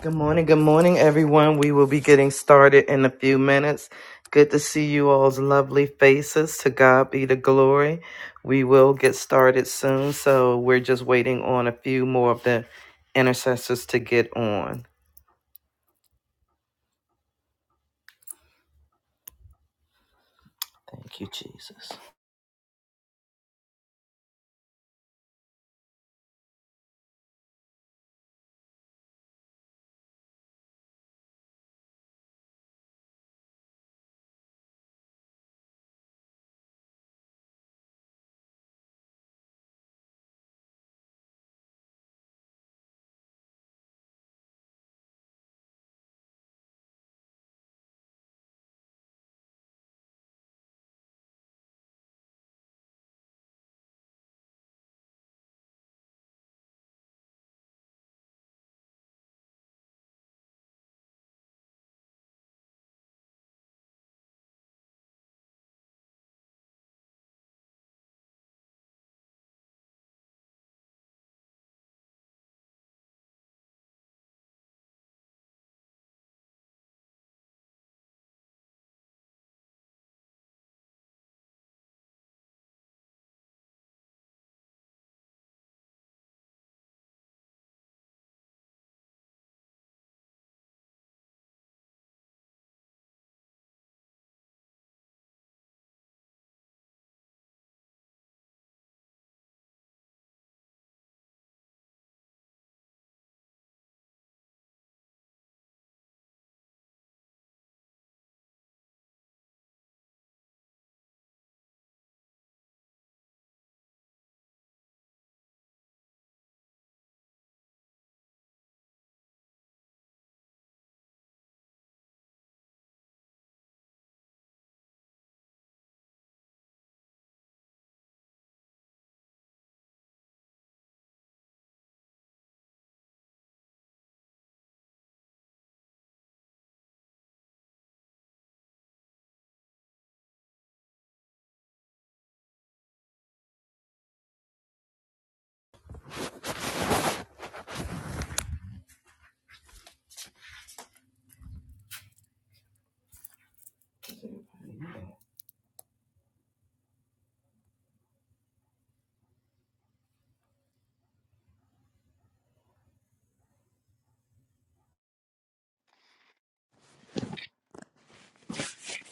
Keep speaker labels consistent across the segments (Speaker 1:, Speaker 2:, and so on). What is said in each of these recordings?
Speaker 1: Good morning, good morning, everyone. We will be getting started in a few minutes. Good to see you all's lovely faces. To God be the glory. We will get started soon, so we're just waiting on a few more of the intercessors to get on. Thank you, Jesus.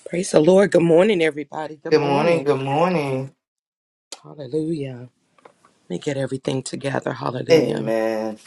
Speaker 2: Praise the Lord. Good morning, everybody. Good
Speaker 1: Good morning,
Speaker 2: morning.
Speaker 1: good morning.
Speaker 2: Hallelujah. Let me get everything together. Hallelujah.
Speaker 1: Amen.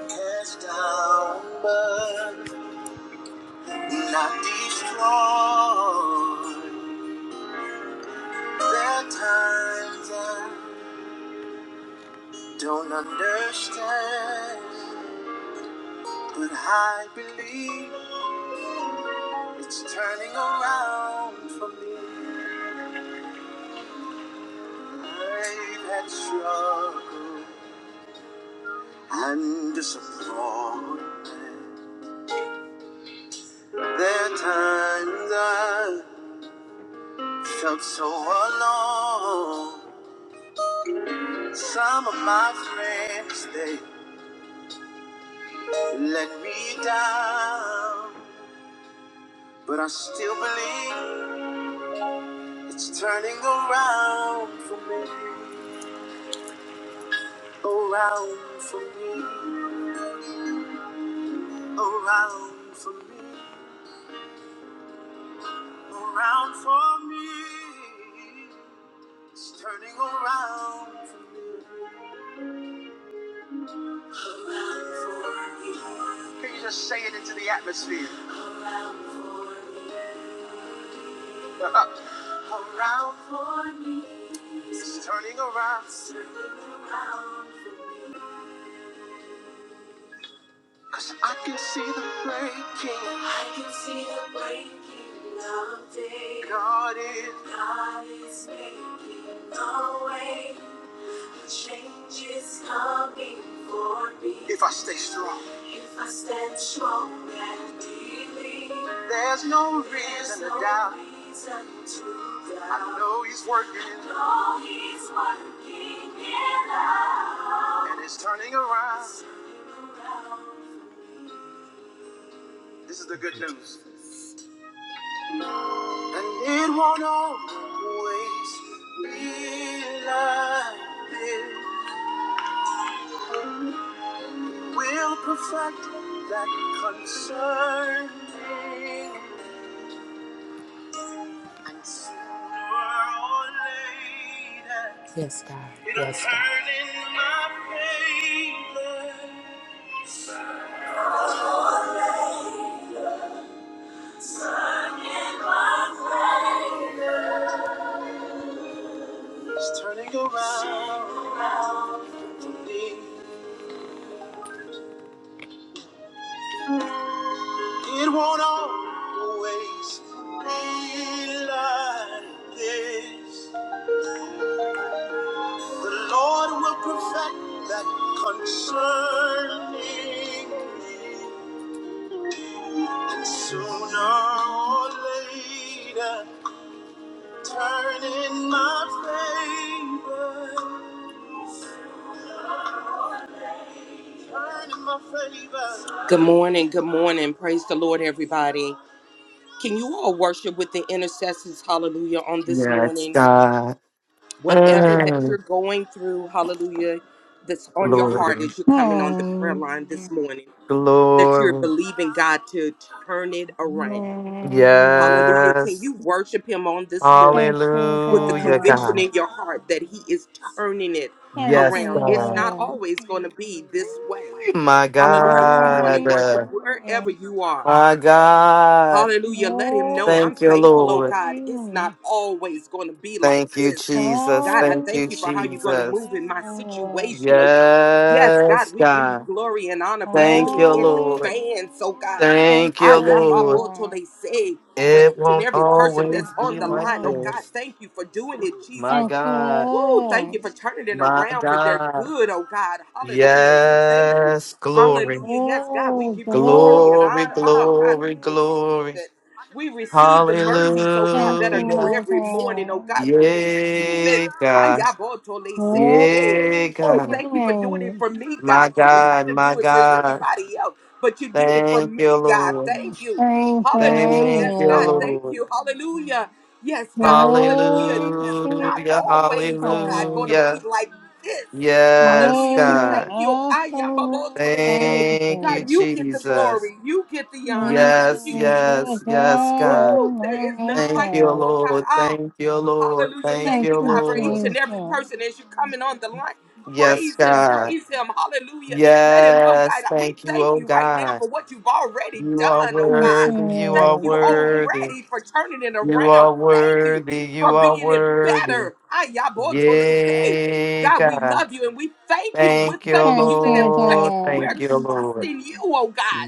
Speaker 2: Cast down, but not destroyed. There are times I don't understand, but I believe. It's turning around for me. I've had struggle and disappointment. There are times I felt so alone. Some of my friends, they let me down. But I still believe it's turning around for me. Around for me. Around for me. around for me. It's turning around. Can you just say it into the atmosphere? around for me. It's turning around. Cause I can see the breaking. I can see the breaking of day. God is. God is making a way. Change is coming for me. If I stay strong. If I stand strong and believe. There's no reason There's no to no doubt. reason to doubt. I know he's working. I know he's working it out. And it's turning around. This is the good news. And it won't always be like this. will perfect that concern and sooner or later yes god it'll yes, God. turn in my favor it's turning around for me it won't always be like this the lord will perfect that concerning me And sooner or later, turn in my favor. Turn in my favor. Good morning, good morning. Praise the Lord, everybody. Can you all worship with the intercessors, hallelujah, on this
Speaker 1: Yes,
Speaker 2: morning?
Speaker 1: God.
Speaker 2: Whatever that
Speaker 1: Mm,
Speaker 2: you're going through, hallelujah, that's on your heart
Speaker 1: glory,
Speaker 2: as you're coming on the prayer
Speaker 3: Oh,
Speaker 2: line
Speaker 3: yeah.
Speaker 2: this morning, that you're
Speaker 1: glory.
Speaker 2: believing God to turn it around. Hallelujah. Can
Speaker 1: Yes.
Speaker 2: you worship him on this morning
Speaker 3: Thank you,
Speaker 2: with the
Speaker 1: Hallelujah,
Speaker 3: God.
Speaker 2: conviction
Speaker 1: God.
Speaker 2: in your heart that he is turning it
Speaker 3: Thank
Speaker 1: Yes,
Speaker 2: around? It's
Speaker 1: God.
Speaker 2: not
Speaker 3: you,
Speaker 2: always going to be this way.
Speaker 1: Ooh, My
Speaker 2: Hallelujah. Come on and
Speaker 1: God.
Speaker 3: Lord.
Speaker 2: worship
Speaker 1: Uh,
Speaker 2: wherever
Speaker 3: Hallelujah.
Speaker 2: you are.
Speaker 1: My God.
Speaker 2: Hallelujah. Let him know I'm
Speaker 1: Thank you,
Speaker 3: Glory to
Speaker 2: thankful, oh
Speaker 1: Lord.
Speaker 3: your
Speaker 2: God. It's not
Speaker 3: name.
Speaker 2: always going to be like
Speaker 1: Thank you,
Speaker 2: this.
Speaker 1: Jesus.
Speaker 2: God, I
Speaker 3: Hallelujah,
Speaker 1: Thank you,
Speaker 2: thank you for how you're going to
Speaker 1: Jesus.
Speaker 2: move in my situation, oh
Speaker 3: Lord.
Speaker 2: God. Yes,
Speaker 1: Yes,
Speaker 2: God, we give you
Speaker 1: God.
Speaker 2: glory and honor for
Speaker 1: Thank
Speaker 2: doing
Speaker 1: you,
Speaker 2: it in
Speaker 1: Lord.
Speaker 2: advance, oh
Speaker 3: Hallelujah.
Speaker 2: God.
Speaker 3: Thank
Speaker 1: Thank you,
Speaker 2: I
Speaker 3: you,
Speaker 1: Lord.
Speaker 2: am
Speaker 3: God.
Speaker 2: they say for
Speaker 1: It
Speaker 2: each and
Speaker 1: won't
Speaker 2: every person that's
Speaker 1: always
Speaker 2: on
Speaker 1: be
Speaker 2: the
Speaker 1: like
Speaker 2: line. Oh
Speaker 3: Mhm.
Speaker 2: God,
Speaker 1: this.
Speaker 2: thank you for doing it,
Speaker 1: Ooh,
Speaker 2: Jesus.
Speaker 1: My
Speaker 3: Thank you,
Speaker 1: God.
Speaker 2: Woo, thank you for
Speaker 3: Lord.
Speaker 2: turning it
Speaker 1: My
Speaker 2: around for their
Speaker 1: God.
Speaker 2: good, oh God. Hallelujah. We thank you.
Speaker 1: Yes, glory.
Speaker 2: Hallelujah. Yes, God, we
Speaker 3: Oh,
Speaker 2: give you glory and
Speaker 1: Glory,
Speaker 2: honor. Oh God, we
Speaker 1: glory,
Speaker 2: receive
Speaker 3: glory.
Speaker 1: glory.
Speaker 2: it. We receive the
Speaker 3: and
Speaker 2: mercies, oh God, that are
Speaker 1: Hallelujah.
Speaker 2: new every morning. Oh
Speaker 3: creator.
Speaker 2: God, we receive it.
Speaker 1: Yeah, God.
Speaker 2: Ayabotole se
Speaker 1: Yeah,
Speaker 3: All
Speaker 2: Oh,
Speaker 3: created, thank
Speaker 1: God.
Speaker 2: thank you for doing it
Speaker 3: you.
Speaker 2: for me,
Speaker 1: My
Speaker 2: God. You didn't have
Speaker 1: God,
Speaker 2: to
Speaker 1: my
Speaker 2: do it for
Speaker 1: God.
Speaker 2: anybody else, but you did it for
Speaker 1: Thank you,
Speaker 2: me, God.
Speaker 1: Lord.
Speaker 2: Thank you. Hallelujah.
Speaker 1: Thank
Speaker 2: Yes,
Speaker 1: you,
Speaker 2: God. Thank
Speaker 1: Lord.
Speaker 2: you. Hallelujah. Yes, God. Hallelujah.
Speaker 3: All
Speaker 2: It's not
Speaker 1: Hallelujah,
Speaker 2: always, oh God,
Speaker 3: creator,
Speaker 2: going to be
Speaker 1: hallelujah.
Speaker 2: like this.
Speaker 3: all
Speaker 1: Yes,
Speaker 2: Hallelujah. We
Speaker 3: you
Speaker 1: God.
Speaker 2: thank you.
Speaker 3: awesome
Speaker 2: Ayambaboto, They say,
Speaker 1: Thank you,
Speaker 2: God,
Speaker 3: amazing.
Speaker 2: you get the
Speaker 1: Jesus.
Speaker 2: glory. You get the honor.
Speaker 3: Will
Speaker 2: Thank
Speaker 1: Yes,
Speaker 2: you,
Speaker 3: You
Speaker 2: Jesus.
Speaker 3: are
Speaker 1: yes, yes,
Speaker 3: God
Speaker 1: God.
Speaker 2: Woo! There is
Speaker 3: Almighty
Speaker 2: none
Speaker 1: Thank
Speaker 2: like
Speaker 1: you,
Speaker 2: you,
Speaker 3: God.
Speaker 2: oh God.
Speaker 1: Lord.
Speaker 2: Ah,
Speaker 1: Thank you, Lord.
Speaker 2: Hallelujah.
Speaker 1: Thank
Speaker 2: Thank
Speaker 3: Thank
Speaker 1: you,
Speaker 2: you,
Speaker 3: you,
Speaker 2: God, for
Speaker 1: Lord.
Speaker 2: each
Speaker 3: Jesus.
Speaker 2: and every person as you're coming on the line. Praise
Speaker 1: Yes,
Speaker 2: Him.
Speaker 1: God.
Speaker 2: Praise Him. Hallelujah. Let Him know, God,
Speaker 1: Yes,
Speaker 2: we
Speaker 1: thank you,
Speaker 2: thank
Speaker 1: oh
Speaker 2: you right now
Speaker 1: God.
Speaker 2: for what you've already
Speaker 1: You are
Speaker 2: done, oh
Speaker 3: Thank
Speaker 2: God.
Speaker 3: you.
Speaker 1: worthy, you
Speaker 2: Thank
Speaker 1: are
Speaker 2: you
Speaker 1: worthy,
Speaker 2: already for turning it
Speaker 1: you
Speaker 2: around.
Speaker 1: are
Speaker 2: Thank you
Speaker 1: worthy, you
Speaker 2: for
Speaker 1: are
Speaker 2: being it
Speaker 1: worthy.
Speaker 2: better. Ayaboto, they say.
Speaker 1: Yay,
Speaker 2: God, we
Speaker 1: God.
Speaker 2: love you and we thank you. We're
Speaker 1: Thank you,
Speaker 2: thanking you
Speaker 3: Thank
Speaker 2: in
Speaker 3: you,
Speaker 1: Lord.
Speaker 2: advance. We're
Speaker 3: God.
Speaker 1: Thank you, Lord.
Speaker 2: trusting you, oh God,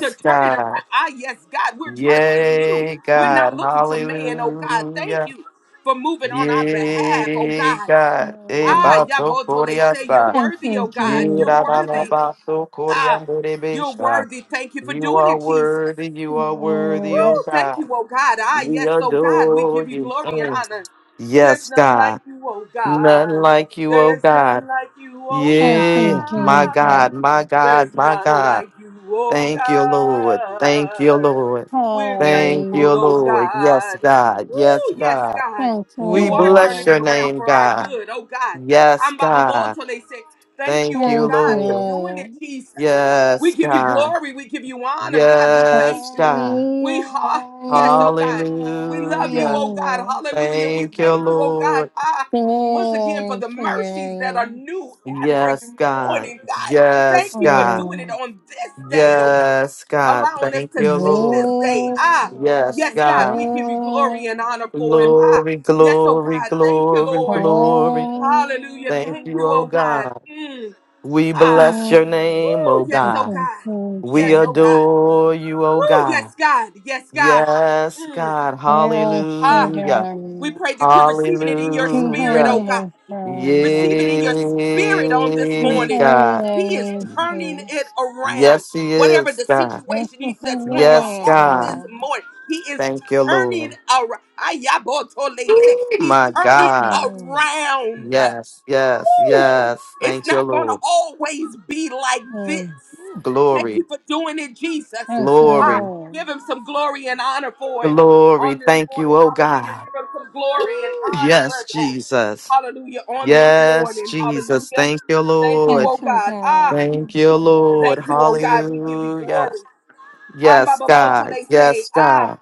Speaker 2: to turn it around.
Speaker 1: God.
Speaker 2: Ah, yes, God, we're trusting you.
Speaker 1: Yay,
Speaker 2: We're not
Speaker 1: God.
Speaker 2: looking to man, oh God. Thank
Speaker 1: Hallelujah.
Speaker 2: you for moving on our behalf, oh
Speaker 1: Yay,
Speaker 2: God.
Speaker 1: God. Eh,
Speaker 2: Ah,
Speaker 3: Amen.
Speaker 1: bato
Speaker 2: Yaboto, they say you're
Speaker 1: coriasa.
Speaker 3: Thank
Speaker 2: worthy,
Speaker 3: you,
Speaker 2: oh God.
Speaker 1: Yee,
Speaker 2: You're
Speaker 1: da, da,
Speaker 3: Jesus.
Speaker 1: da,
Speaker 2: worthy.
Speaker 1: bato
Speaker 2: Ah,
Speaker 1: coriandere,
Speaker 2: you're
Speaker 1: besha.
Speaker 2: worthy. Thank you for
Speaker 1: You
Speaker 2: doing
Speaker 1: are
Speaker 2: it, Jesus.
Speaker 1: worthy, you are worthy,
Speaker 3: Oh,
Speaker 1: oh
Speaker 2: Woo!
Speaker 1: God.
Speaker 2: Thank you, oh God. Ah,
Speaker 1: We
Speaker 2: yes, oh God, we
Speaker 1: adore
Speaker 2: give you
Speaker 1: you.
Speaker 2: glory and
Speaker 1: Mm.
Speaker 2: honor. For there's
Speaker 1: Yes,
Speaker 2: none like
Speaker 1: God.
Speaker 2: you, oh
Speaker 1: None
Speaker 2: God.
Speaker 1: like you, oh
Speaker 2: There is none
Speaker 1: God.
Speaker 2: like you, oh
Speaker 3: thank you,
Speaker 1: Yeah, my
Speaker 3: Jesus.
Speaker 2: God.
Speaker 1: God, my God,
Speaker 2: There's
Speaker 1: my
Speaker 2: none
Speaker 1: God.
Speaker 2: like you, oh
Speaker 1: Thank you, Lord. Thank you,
Speaker 2: God.
Speaker 1: Lord.
Speaker 2: We're
Speaker 1: Thank
Speaker 2: thankful,
Speaker 1: you,
Speaker 2: oh
Speaker 3: Hallelujah.
Speaker 1: Lord. Yes,
Speaker 2: God.
Speaker 1: God. Yes,
Speaker 2: Woo! Yes,
Speaker 1: God.
Speaker 2: God.
Speaker 3: Thank you,
Speaker 1: We
Speaker 2: You are
Speaker 1: bless
Speaker 2: turning
Speaker 1: your
Speaker 2: it
Speaker 3: Lord.
Speaker 2: around
Speaker 1: name,
Speaker 2: for our
Speaker 1: God.
Speaker 2: good, oh God.
Speaker 1: Yes,
Speaker 2: I'm Baba
Speaker 1: God.
Speaker 2: Bolto. They say, Thank you,
Speaker 1: Thank
Speaker 2: oh
Speaker 1: you,
Speaker 3: Thank you,
Speaker 2: God, for
Speaker 1: Lord.
Speaker 2: doing it,
Speaker 3: Lord.
Speaker 2: Jesus. We
Speaker 1: Yes,
Speaker 2: give you
Speaker 1: God.
Speaker 2: glory. We give you honor. God, we thank
Speaker 1: Yes,
Speaker 2: you.
Speaker 1: God.
Speaker 3: Hallelujah,
Speaker 2: We are yes, oh God.
Speaker 3: hallelujah,
Speaker 2: We love you,
Speaker 1: Hallelujah.
Speaker 2: oh God.
Speaker 3: hallelujah.
Speaker 2: Hallelujah. We
Speaker 1: Thank you,
Speaker 2: thank you, oh
Speaker 1: Lord.
Speaker 2: God. Ah, once again for
Speaker 3: Glory
Speaker 2: the
Speaker 3: to your
Speaker 2: mercies that are
Speaker 3: name.
Speaker 2: new every
Speaker 1: Yes, God.
Speaker 2: morning, God. Thank
Speaker 1: Yes,
Speaker 2: you for
Speaker 1: God.
Speaker 2: doing it
Speaker 3: Oh,
Speaker 2: on this day, oh God.
Speaker 1: Yes, God.
Speaker 2: Allowing us
Speaker 1: Thank
Speaker 2: to
Speaker 1: you,
Speaker 2: see this
Speaker 1: Lord.
Speaker 2: day. Ah,
Speaker 1: Yes,
Speaker 3: glory,
Speaker 2: yes, God, we
Speaker 1: God.
Speaker 2: give you glory and honor
Speaker 3: glory,
Speaker 2: for it. Ah,
Speaker 1: Glory,
Speaker 2: yes, oh
Speaker 1: glory,
Speaker 2: God. Thank you,
Speaker 1: glory,
Speaker 2: Lord.
Speaker 1: glory.
Speaker 3: hallelujah.
Speaker 2: Hallelujah.
Speaker 1: Thank
Speaker 2: Thank
Speaker 1: you,
Speaker 2: you,
Speaker 1: oh
Speaker 2: oh God.
Speaker 1: God.
Speaker 2: Mm,
Speaker 1: We
Speaker 2: ah,
Speaker 1: bless your name,
Speaker 3: Oh,
Speaker 1: oh
Speaker 2: woo,
Speaker 3: thank
Speaker 2: yes, oh
Speaker 1: God.
Speaker 3: you,
Speaker 2: God. Yes,
Speaker 1: We
Speaker 3: Jesus.
Speaker 2: oh God.
Speaker 1: adore you, oh
Speaker 2: Woo,
Speaker 1: God.
Speaker 2: yes, God. Yes, God.
Speaker 1: Yes,
Speaker 2: Mm.
Speaker 1: God.
Speaker 3: Glory to
Speaker 2: Ah,
Speaker 1: Hallelujah.
Speaker 2: we
Speaker 3: God.
Speaker 2: pray that you're receiving it in your spirit, oh
Speaker 1: Hallelujah.
Speaker 2: God.
Speaker 3: Jehovah, Jehovah,
Speaker 2: Receive it in your spirit on this
Speaker 1: Yeah,
Speaker 2: morning.
Speaker 1: God.
Speaker 2: He is
Speaker 3: Jehovah
Speaker 2: turning it
Speaker 3: Jesus.
Speaker 2: around.
Speaker 1: Yes, He
Speaker 2: Whatever
Speaker 1: is,
Speaker 2: the
Speaker 1: God.
Speaker 2: situation you-
Speaker 3: Precious
Speaker 2: that's
Speaker 3: and
Speaker 2: on your
Speaker 1: Yes,
Speaker 2: heart this
Speaker 1: God.
Speaker 3: royal,
Speaker 2: morning, He is
Speaker 1: Thank you,
Speaker 2: turning
Speaker 1: Lord.
Speaker 2: around.
Speaker 1: Oh,
Speaker 2: He's
Speaker 1: my
Speaker 2: turning
Speaker 1: God.
Speaker 3: Lord.
Speaker 2: around.
Speaker 1: Yes, yes,
Speaker 2: Woo!
Speaker 1: yes.
Speaker 2: It's
Speaker 1: Thank you,
Speaker 2: not going to
Speaker 1: Lord.
Speaker 2: always be like this.
Speaker 3: Mm,
Speaker 2: Thank
Speaker 1: Glory,
Speaker 2: you for doing it, Jesus.
Speaker 3: Thank you,
Speaker 2: I
Speaker 1: glory,
Speaker 3: Lord.
Speaker 2: give him some glory and honor for it on
Speaker 1: glory.
Speaker 2: this
Speaker 1: Thank you,
Speaker 2: morning.
Speaker 1: oh
Speaker 2: Hallelujah.
Speaker 1: God.
Speaker 2: Give him some glory and
Speaker 1: Ooh,
Speaker 2: honor
Speaker 1: Yes,
Speaker 2: for that.
Speaker 1: Jesus.
Speaker 2: Hallelujah. On this
Speaker 1: Yes,
Speaker 2: morning.
Speaker 1: Jesus.
Speaker 2: Hallelujah.
Speaker 1: Thank you,
Speaker 2: Thank you,
Speaker 1: Lord.
Speaker 2: oh
Speaker 3: Thank you,
Speaker 2: God. Ah,
Speaker 3: God.
Speaker 1: Thank you, Lord.
Speaker 2: thank you, oh God. We give you
Speaker 1: Hallelujah.
Speaker 2: glory.
Speaker 1: Yes,
Speaker 2: Ambaboboto,
Speaker 1: God.
Speaker 2: they say,
Speaker 1: Yes, God.
Speaker 2: ah,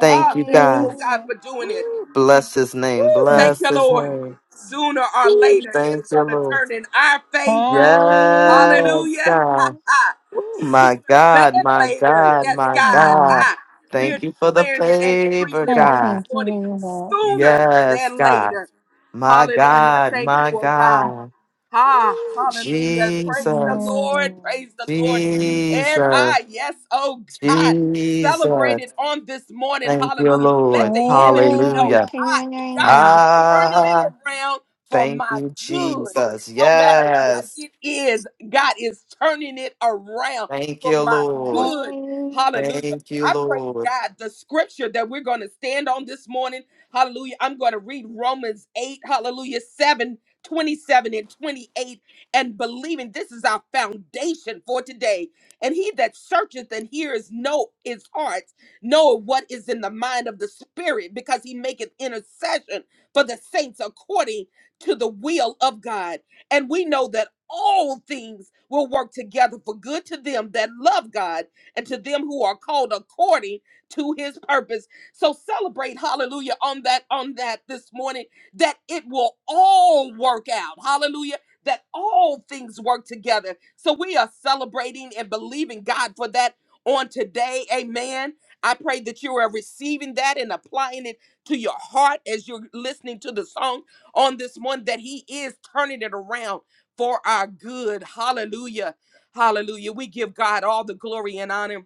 Speaker 1: Thank
Speaker 2: ah,
Speaker 1: you,
Speaker 2: thank you,
Speaker 1: God.
Speaker 2: oh God, for doing it.
Speaker 1: Ooh, Bless his name.
Speaker 2: Woo, thank
Speaker 1: Bless
Speaker 2: you,
Speaker 1: his
Speaker 2: Lord.
Speaker 1: name.
Speaker 2: Sooner or
Speaker 1: Ooh,
Speaker 2: later, it's
Speaker 1: Thank you,
Speaker 2: going to
Speaker 1: Lord.
Speaker 2: turn in our favor.
Speaker 1: Yes,
Speaker 2: Hallelujah.
Speaker 1: God. Ooh,
Speaker 2: Sooner
Speaker 1: my
Speaker 2: than
Speaker 1: God, my
Speaker 2: later.
Speaker 1: God,
Speaker 2: Yes,
Speaker 1: my
Speaker 2: God.
Speaker 1: God.
Speaker 3: Um,
Speaker 2: Ah, we're
Speaker 1: Thank you for the
Speaker 2: declaring it and
Speaker 1: favor,
Speaker 2: decreeing it
Speaker 3: thanks
Speaker 2: on
Speaker 3: for
Speaker 1: God.
Speaker 2: this morning.
Speaker 3: giving that.
Speaker 2: Sooner
Speaker 1: Yes,
Speaker 2: than
Speaker 1: God.
Speaker 2: later.
Speaker 1: My
Speaker 2: Hallelujah.
Speaker 1: God,
Speaker 2: Thank you,
Speaker 1: my
Speaker 2: oh God.
Speaker 1: God.
Speaker 2: Ha,
Speaker 1: Ooh,
Speaker 2: hallelujah. Praise the
Speaker 1: Jesus,
Speaker 2: Lord.
Speaker 3: Um,
Speaker 2: Praise the Lord. Every,
Speaker 1: Jesus,
Speaker 2: ah, yes, oh God. Celebrated
Speaker 1: Jesus.
Speaker 2: on this morning.
Speaker 1: Thank you,
Speaker 2: Hallelujah. Let
Speaker 1: Lord.
Speaker 2: the enemy
Speaker 3: Glory
Speaker 2: know
Speaker 1: Hallelujah.
Speaker 3: to
Speaker 2: I
Speaker 3: your
Speaker 2: God is
Speaker 3: name.
Speaker 2: turning it
Speaker 1: Ah,
Speaker 2: around for
Speaker 1: thank
Speaker 2: my
Speaker 1: you,
Speaker 2: good.
Speaker 1: Jesus.
Speaker 2: No matter what
Speaker 1: Yes.
Speaker 2: it is, God is turning it around
Speaker 1: Thank
Speaker 2: for
Speaker 1: you,
Speaker 2: my
Speaker 1: Lord.
Speaker 2: good.
Speaker 3: Hallelujah.
Speaker 2: Hallelujah.
Speaker 1: Thank you,
Speaker 2: I pray
Speaker 1: Lord.
Speaker 2: God the scripture that we're going to stand on this morning. Hallelujah. I'm going to read Romans 8, hallelujah, 7 27 and 28 and believing this is our foundation for today. And he that searcheth and heareth know his heart, knoweth what is in the mind of the spirit, because he maketh intercession for the saints according to the will of God. And we know that all things will work together for good to them that love God and to them who are called according to his purpose. So celebrate hallelujah on that on that this morning that it will all work out. Hallelujah. That all things work together. So we are celebrating and believing God for that on today. Amen. I pray that you are receiving that and applying it to your heart as you're listening to the song on this one, that He is turning it around for our good. Hallelujah. Hallelujah. We give God all the glory and honor.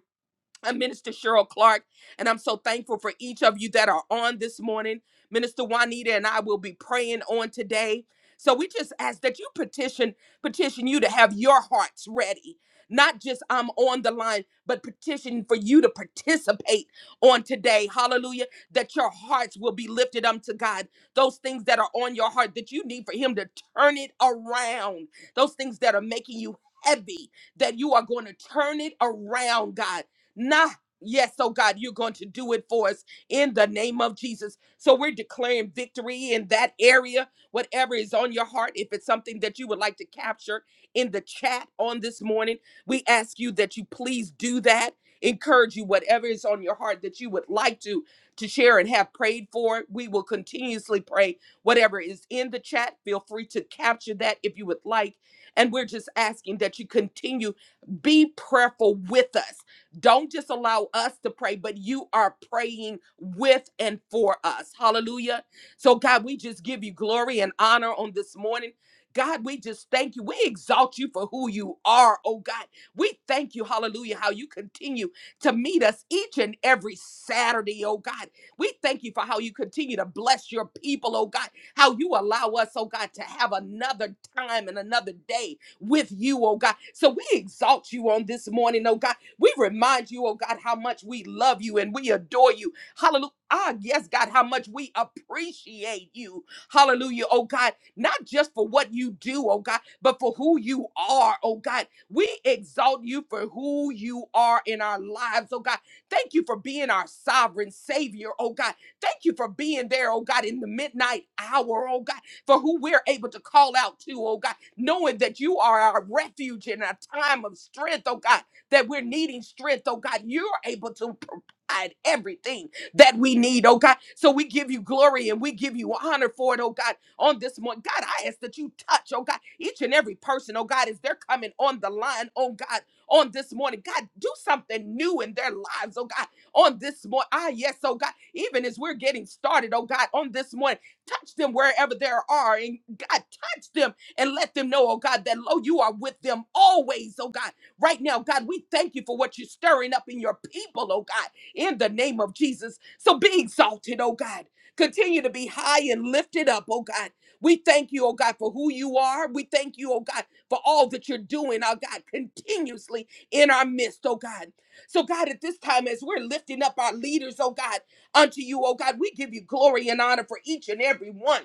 Speaker 2: I'm Minister Cheryl Clark, and I'm so thankful for each of you that are on this morning. Minister Juanita and I will be praying on today. So we just ask that you petition, petition you to have your hearts ready. Not just I'm on the line, but petition for you to participate on today. Hallelujah. That your hearts will be lifted up to God. Those things that are on your heart that you need for Him to turn it around. Those things that are making you heavy, that you are going to turn it around, God Nah, yes, oh God, you're going to do it for us in the name of Jesus. So we're declaring victory in that area, whatever is on your heart. If it's something that you would like to capture in the chat on this morning, we ask you that you please do that. Encourage you, whatever is on your heart that you would like to to share and have prayed for. We will continuously pray whatever is in the chat. Feel free to capture that if you would like. And we're just asking that you continue be prayerful with us don't just allow us to pray, but you are praying with and for us. Hallelujah. So, God, we just give you glory and honor on this morning. God, we just thank you. We exalt you for who you are, oh God. We thank you, hallelujah, how you continue to meet us each and every Saturday, oh God. We thank you for how you continue to bless your people, oh God, how you allow us, oh God, to have another time and another day with you, oh God. So we exalt you on this morning, oh God. We remind you, oh God, how much we love you and we adore you. Hallelujah. Ah, yes, God, how much we appreciate you. Hallelujah, oh God, not just for what you do, oh God, but for who you are, oh God. We exalt you for who you are in our lives, oh God. Thank you for being our sovereign Savior, oh God. Thank you for being there, oh God, in the midnight hour, oh God, for who we're able to call out to, oh God, knowing that you are our refuge in our time of strength, oh God that we're needing strength, oh God. You're able to provide everything that we need, oh God. So we give you glory and we give you honor for it, oh God, on this morning. God, I ask that you touch, oh God, each and every person, oh God, as they're coming on the line, oh God, on this morning. God, do something new in their lives, oh God, on this morning. Ah, yes, oh God, even as we're getting started, oh God, on this morning, touch them wherever there are. And God, touch them and let them know, oh God, that lo, you are with them always, oh God right now. God, we thank you for what you're stirring up in your people, oh God, in the name of Jesus. So be exalted, oh God. Continue to be high and lifted up, oh God. We thank you, oh God, for who you are. We thank you, oh God, for all that you're doing, oh God, continuously in our midst, oh God. So, God, at this time, as we're lifting up our leaders, oh God, unto you, oh God, we give you glory and honor for each and every one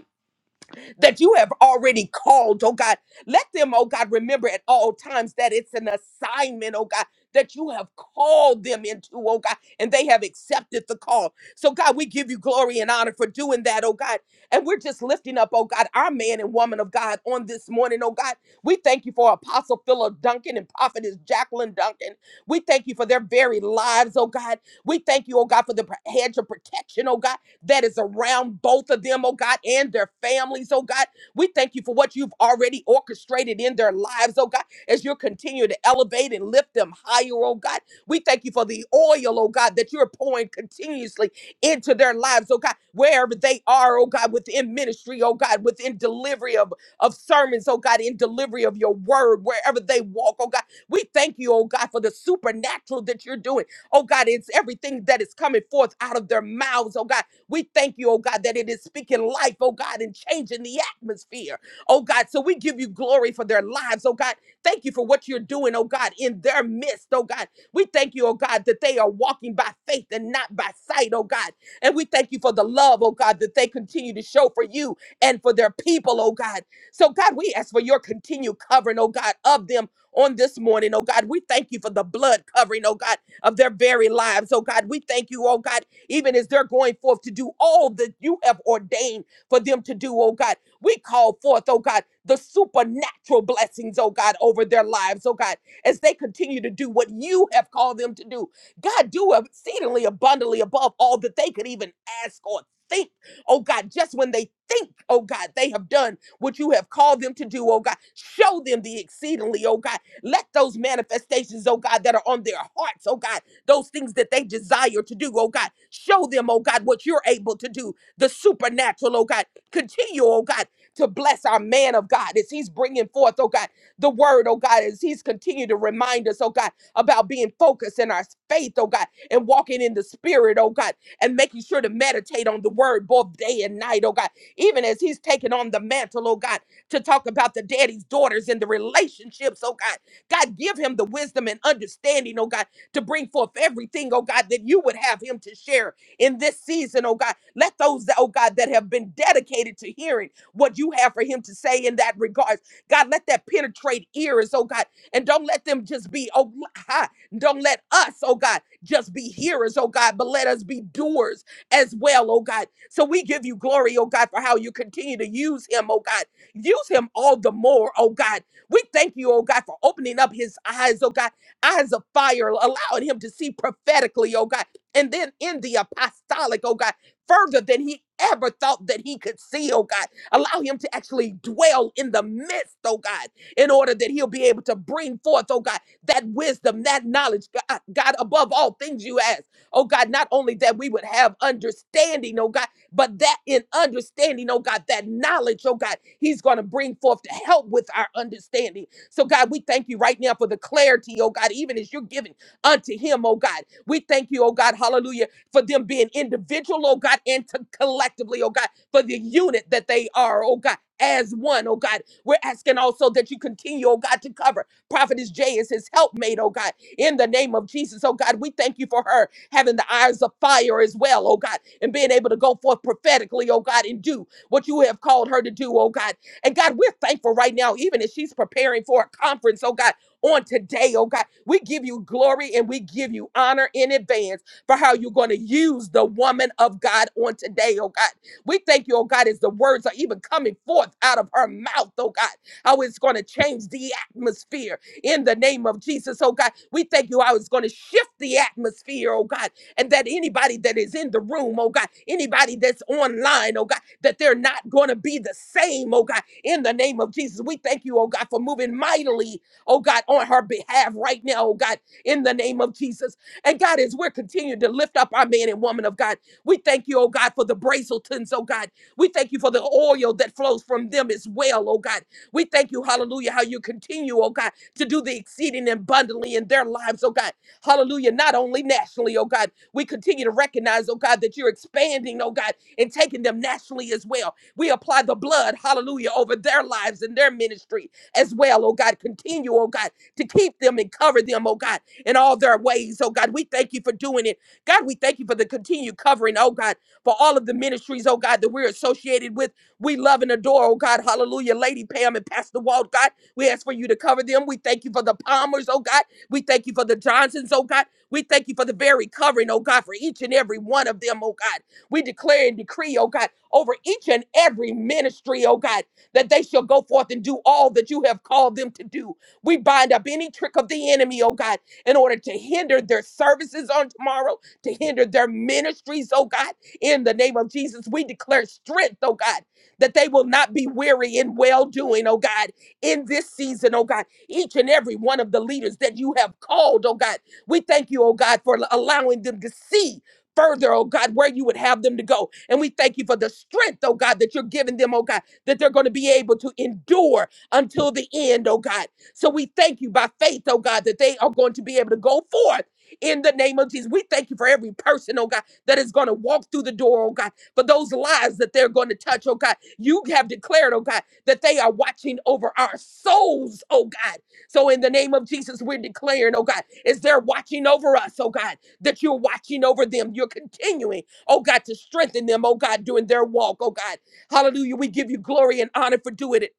Speaker 2: that you have already called, oh God. Let them, oh God, remember at all times that it's an assignment, oh God, that you have called them into, oh God, and they have accepted the call. So, God, we give you glory and honor for doing that, oh God. And we're just lifting up, oh God, our man and woman of God on this morning, oh God. We thank you for Apostle Philip Duncan and Prophetess Jacqueline Duncan. We thank you for their very lives, oh God. We thank you, oh God, for the pr- hedge of protection, oh God that is around both of them, oh God, and their families, oh God. We thank you for what you've already orchestrated in their lives, oh God, as you continue to elevate and lift them higher, oh God. We thank you for the oil, oh God, that you're pouring continuously into their lives, oh God, wherever they are, oh God, within ministry, oh God, within delivery of, of sermons, oh God, in delivery of your word, wherever they walk, oh God. We thank you, oh God, for the supernatural that you're doing. Oh God, it's everything that is coming forth out of their mouths, oh God we thank you, oh God, that it is speaking life, oh God, and changing the atmosphere, oh God. So we give you glory for their lives, oh God. Thank you for what you're doing, oh God, in their midst, oh God. We thank you, oh God, that they are walking by faith and not by sight, oh God. And we thank you for the love, oh God, that they continue to show for you and for their people, oh God. So, God, we ask for your continued covering, oh God, of them on this morning, oh God. We thank you for the blood covering, oh God, of their very lives, oh God. We thank you, oh God even as they're going forth to do all that you have ordained for them to do, oh God. We call forth, oh God, the supernatural blessings, oh God, over their lives, oh God, as they continue to do what you have called them to do. God, do exceedingly abundantly above all that they could even ask or think, oh God, just when they think, oh God, they have done what you have called them to do, oh God. Show them the exceedingly, oh God. Let those manifestations, oh God, that are on their hearts, oh God those things that they desire to do, oh God. Show them, oh God, what you're able to do, the supernatural, oh God. Continue, oh God, to bless our man of God as he's bringing forth, oh God, the word, oh God, as he's continued to remind us, oh God, about being focused in our faith, oh God, and walking in the spirit, oh God, and making sure to meditate on the word both day and night, oh God. Even as he's taking on the mantle, oh God, to talk about the daddy's daughters and the relationships, oh God. God, give him the wisdom and understanding, oh God, to bring forth everything, oh God, that you would have him to share in this season, oh God. Let those, that, oh God, that have been dedicated to hearing what you have for him to say in that regards, God, let that penetrate ears, oh God, and don't let them just be, oh, ha, don't let us, oh God, just be hearers, oh God, but let us be doers as well, oh God. So we give you glory, oh God, for how you continue to use him, oh God. Use him all the more, oh God. We thank you, oh God, for opening up his eyes, oh God eyes of fire, allowing him to see prophetically, oh God, and then in the apostolic, oh God, further than he ever thought that he could see, oh God. Allow him to actually dwell in the midst, oh God, in order that he'll be able to bring forth, oh God, that wisdom, that knowledge, God, God above all things you ask, oh God, not only that we would have understanding, oh God, but that in understanding, oh God, that knowledge, oh God, he's going to bring forth to help with our understanding so, God, we thank you right now for the clarity, oh God, even as you're giving unto him, oh God. We thank you, oh God, hallelujah, for them being individual, oh God, and to collectively, oh God, for the unit that they are, oh God. As one, oh God, we're asking also that you continue, oh God, to cover Prophetess Jay as his helpmate, oh God, in the name of Jesus, oh God. We thank you for her having the eyes of fire as well, oh God, and being able to go forth prophetically, oh God, and do what you have called her to do, oh God. And God, we're thankful right now, even as she's preparing for a conference, oh God, on today, oh God, we give you glory and we give you honor in advance for how you're going to use the woman of God on today, oh God. We thank you, oh God, as the words are even coming forth out of her mouth, oh God, how it's going to change the atmosphere in the name of Jesus, oh God. We thank you how it's going to shift the atmosphere, oh God and that anybody that is in the room, oh God, anybody that's online, oh God, that they're not going to be the same, oh God, in the name of Jesus. We thank you, oh God, for moving mightily, oh God, on her behalf right now, oh God, in the name of Jesus. And God, as we're continuing to lift up our man and woman of God, we thank you, oh God, for the Brazeltons, oh God. We thank you for the oil that flows from them as well, oh God. We thank you, hallelujah, how you continue, oh God, to do the exceeding and abundantly in their lives, oh God. Hallelujah, not only nationally, oh God we continue to recognize, oh God, that you're expanding, oh God, and taking them nationally as well. We apply the blood, hallelujah, over their lives and their ministry as well, oh God. Continue, oh God, to keep them and cover them, oh God, in all their ways, oh God. We thank you for doing it. God, we thank you for the continued covering, oh God, for all of the ministries, oh God, that we're associated with. We love and adore, oh God, hallelujah, Lady Pam and Pastor Walt, God. We ask for you to cover them. We thank you for the Palmers, oh God. We thank you for the Johnsons, oh God. We thank you for the very covering, oh God, for each and every one of them, oh God. We declare and decree, oh God, over each and every ministry, oh God, that they shall go forth and do all that you have called them to do. We bind up any trick of the enemy, oh God, in order to hinder their services on tomorrow, to hinder their ministries, oh God. In the name of Jesus, we declare strength, oh God, that they will not be weary in well doing, oh God, in this season, oh God. Each and every one of the leaders that you have called, oh God. We thank you, oh God, for allowing them to see further, oh God, where you would have them to go. And we thank you for the strength, oh God, that you're giving them, oh God, that they're going to be able to endure until the end, oh God. So we thank you by faith, oh God, that they are going to be able to go forth. In the name of Jesus, we thank you for every person, oh God, that is going to walk through the door, oh God, for those lives that they're going to touch, oh God. You have declared, oh God, that they are watching over our souls, oh God. So in the name of Jesus, we're declaring, oh God, is there watching over us, oh God, that you're watching over them. You're continuing, oh God, to strengthen them, oh God, during their walk, oh God. Hallelujah. We give you glory and honor for doing it.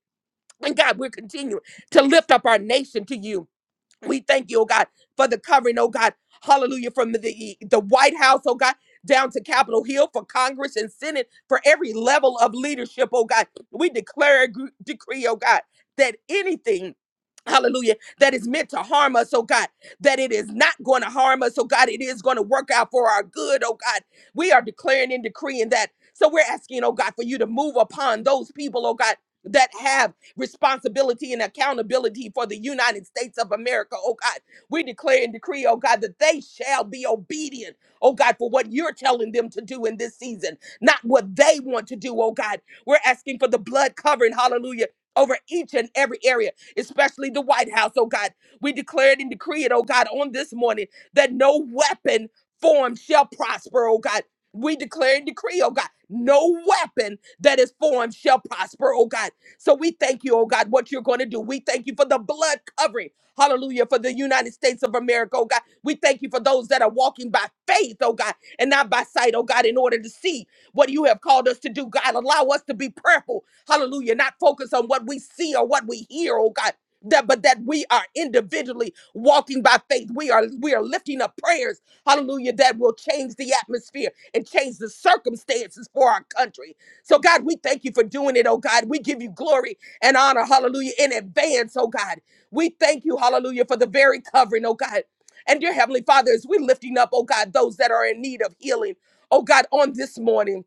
Speaker 2: And God, we're continuing to lift up our nation to you. We thank you, oh God, for the covering, oh God. Hallelujah. From the, the White House, oh God, down to Capitol Hill for Congress and Senate, for every level of leadership, oh God. We declare a gr- decree, oh God, that anything Hallelujah, that is meant to harm us, oh God, that it is not going to harm us, oh God, it is going to work out for our good, oh God. We are declaring and decreeing that. So we're asking, oh God, for you to move upon those people, oh God, that have responsibility and accountability for the United States of America, oh God. We declare and decree, oh God, that they shall be obedient, oh God, for what you're telling them to do in this season, not what they want to do, oh God. We're asking for the blood covering, hallelujah. Over each and every area, especially the White House, oh God. We declared and decreed, oh God, on this morning that no weapon formed shall prosper, oh God. We declare and decree, oh God, no weapon that is formed shall prosper, oh God. So we thank you, oh God, what you're going to do. We thank you for the blood covering. Hallelujah. For the United States of America, oh God. We thank you for those that are walking by faith, oh God, and not by sight, oh God, in order to see what you have called us to do. God, allow us to be prayerful. Hallelujah. Not focus on what we see or what we hear, oh God. That, but that we are individually walking by faith. We are we are lifting up prayers, hallelujah, that will change the atmosphere and change the circumstances for our country. So, God, we thank you for doing it, oh God. We give you glory and honor, hallelujah, in advance, oh God. We thank you, hallelujah, for the very covering, oh God. And dear Heavenly Father, as we're lifting up, oh God, those that are in need of healing, oh God, on this morning.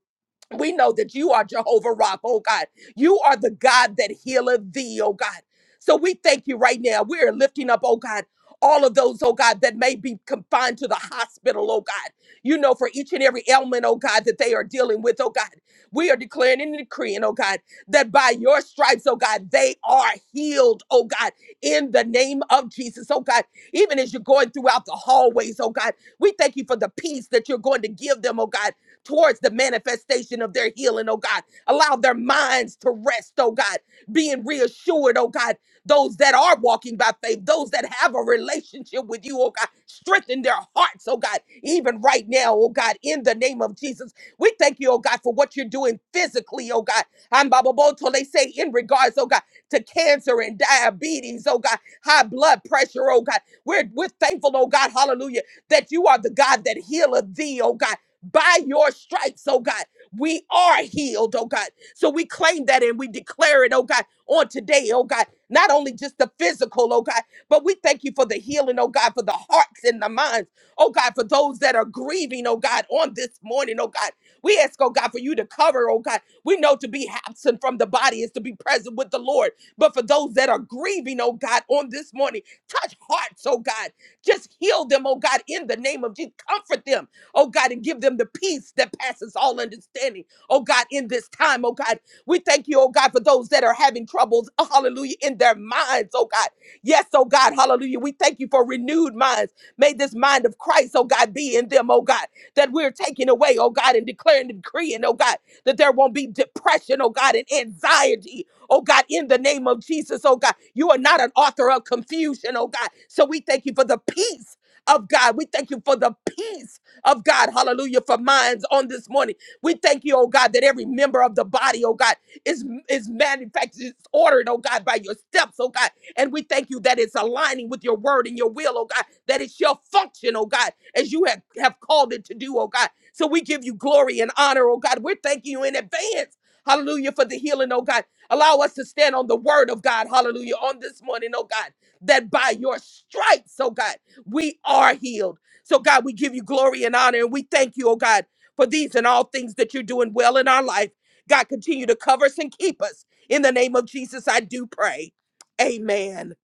Speaker 2: We know that you are Jehovah Rapha, oh God. You are the God that healeth thee, oh God. So we thank you right now. We are lifting up, oh God, all of those, oh God, that may be confined to the hospital, oh God. You know, for each and every ailment, oh God, that they are dealing with, oh God. We are declaring and decreeing, oh God, that by your stripes, oh God, they are healed, oh God, in the name of Jesus, oh God. Even as you're going throughout the hallways, oh God, we thank you for the peace that you're going to give them, oh God towards the manifestation of their healing, oh God. Allow their minds to rest, oh God, being reassured, oh God. Those that are walking by faith, those that have a relationship with you, oh God, strengthen their hearts, oh God, even right now, oh God, in the name of Jesus. We thank you, oh God, for what you're doing physically, oh God. I'm Baba Boto, they say in regards, oh God, to cancer and diabetes, oh God, high blood pressure, oh God. We're, we're thankful, oh God, hallelujah, that you are the God that healeth thee, oh God. By your stripes, oh God, we are healed, oh God. So we claim that and we declare it, oh God, on today, oh God. Not only just the physical, oh God, but we thank you for the healing, oh God, for the hearts and the minds, oh God, for those that are grieving, oh God, on this morning, oh God. We ask, oh God, for you to cover, oh God. We know to be absent from the body is to be present with the Lord. But for those that are grieving, oh God, on this morning, touch hearts, oh God. Just heal them, oh God, in the name of Jesus. Comfort them oh God, and give them the peace that passes all understanding, oh God, in this time, oh God. We thank you, oh God, for those that are having troubles, hallelujah, in their minds, oh God. Yes, oh God, hallelujah. We thank you for renewed minds. May this mind of Christ, oh God, be in them, oh God, that we're taking away, oh God, and declaring and decreeing, oh God, that there won't be depression, oh God, and anxiety, oh God, in the name of Jesus, oh God. You are not an author of confusion, oh God. So we thank you for the peace of God. We thank you for the peace of God. Hallelujah. For minds on this morning. We thank you, oh God, that every member of the body, oh God, is, is manufactured, is ordered, oh God, by your steps, oh God. And we thank you that it's aligning with your word and your will, oh God, that it shall function, oh God, as you have, have called it to do, oh God. So we give you glory and honor, oh God. We're thanking you in advance. Hallelujah for the healing, oh God. Allow us to stand on the word of God, hallelujah, on this morning, oh God, that by your stripes, oh God, we are healed. So, God, we give you glory and honor, and we thank you, oh God, for these and all things that you're doing well in our life. God, continue to cover us and keep us. In the name of Jesus, I do pray. Amen.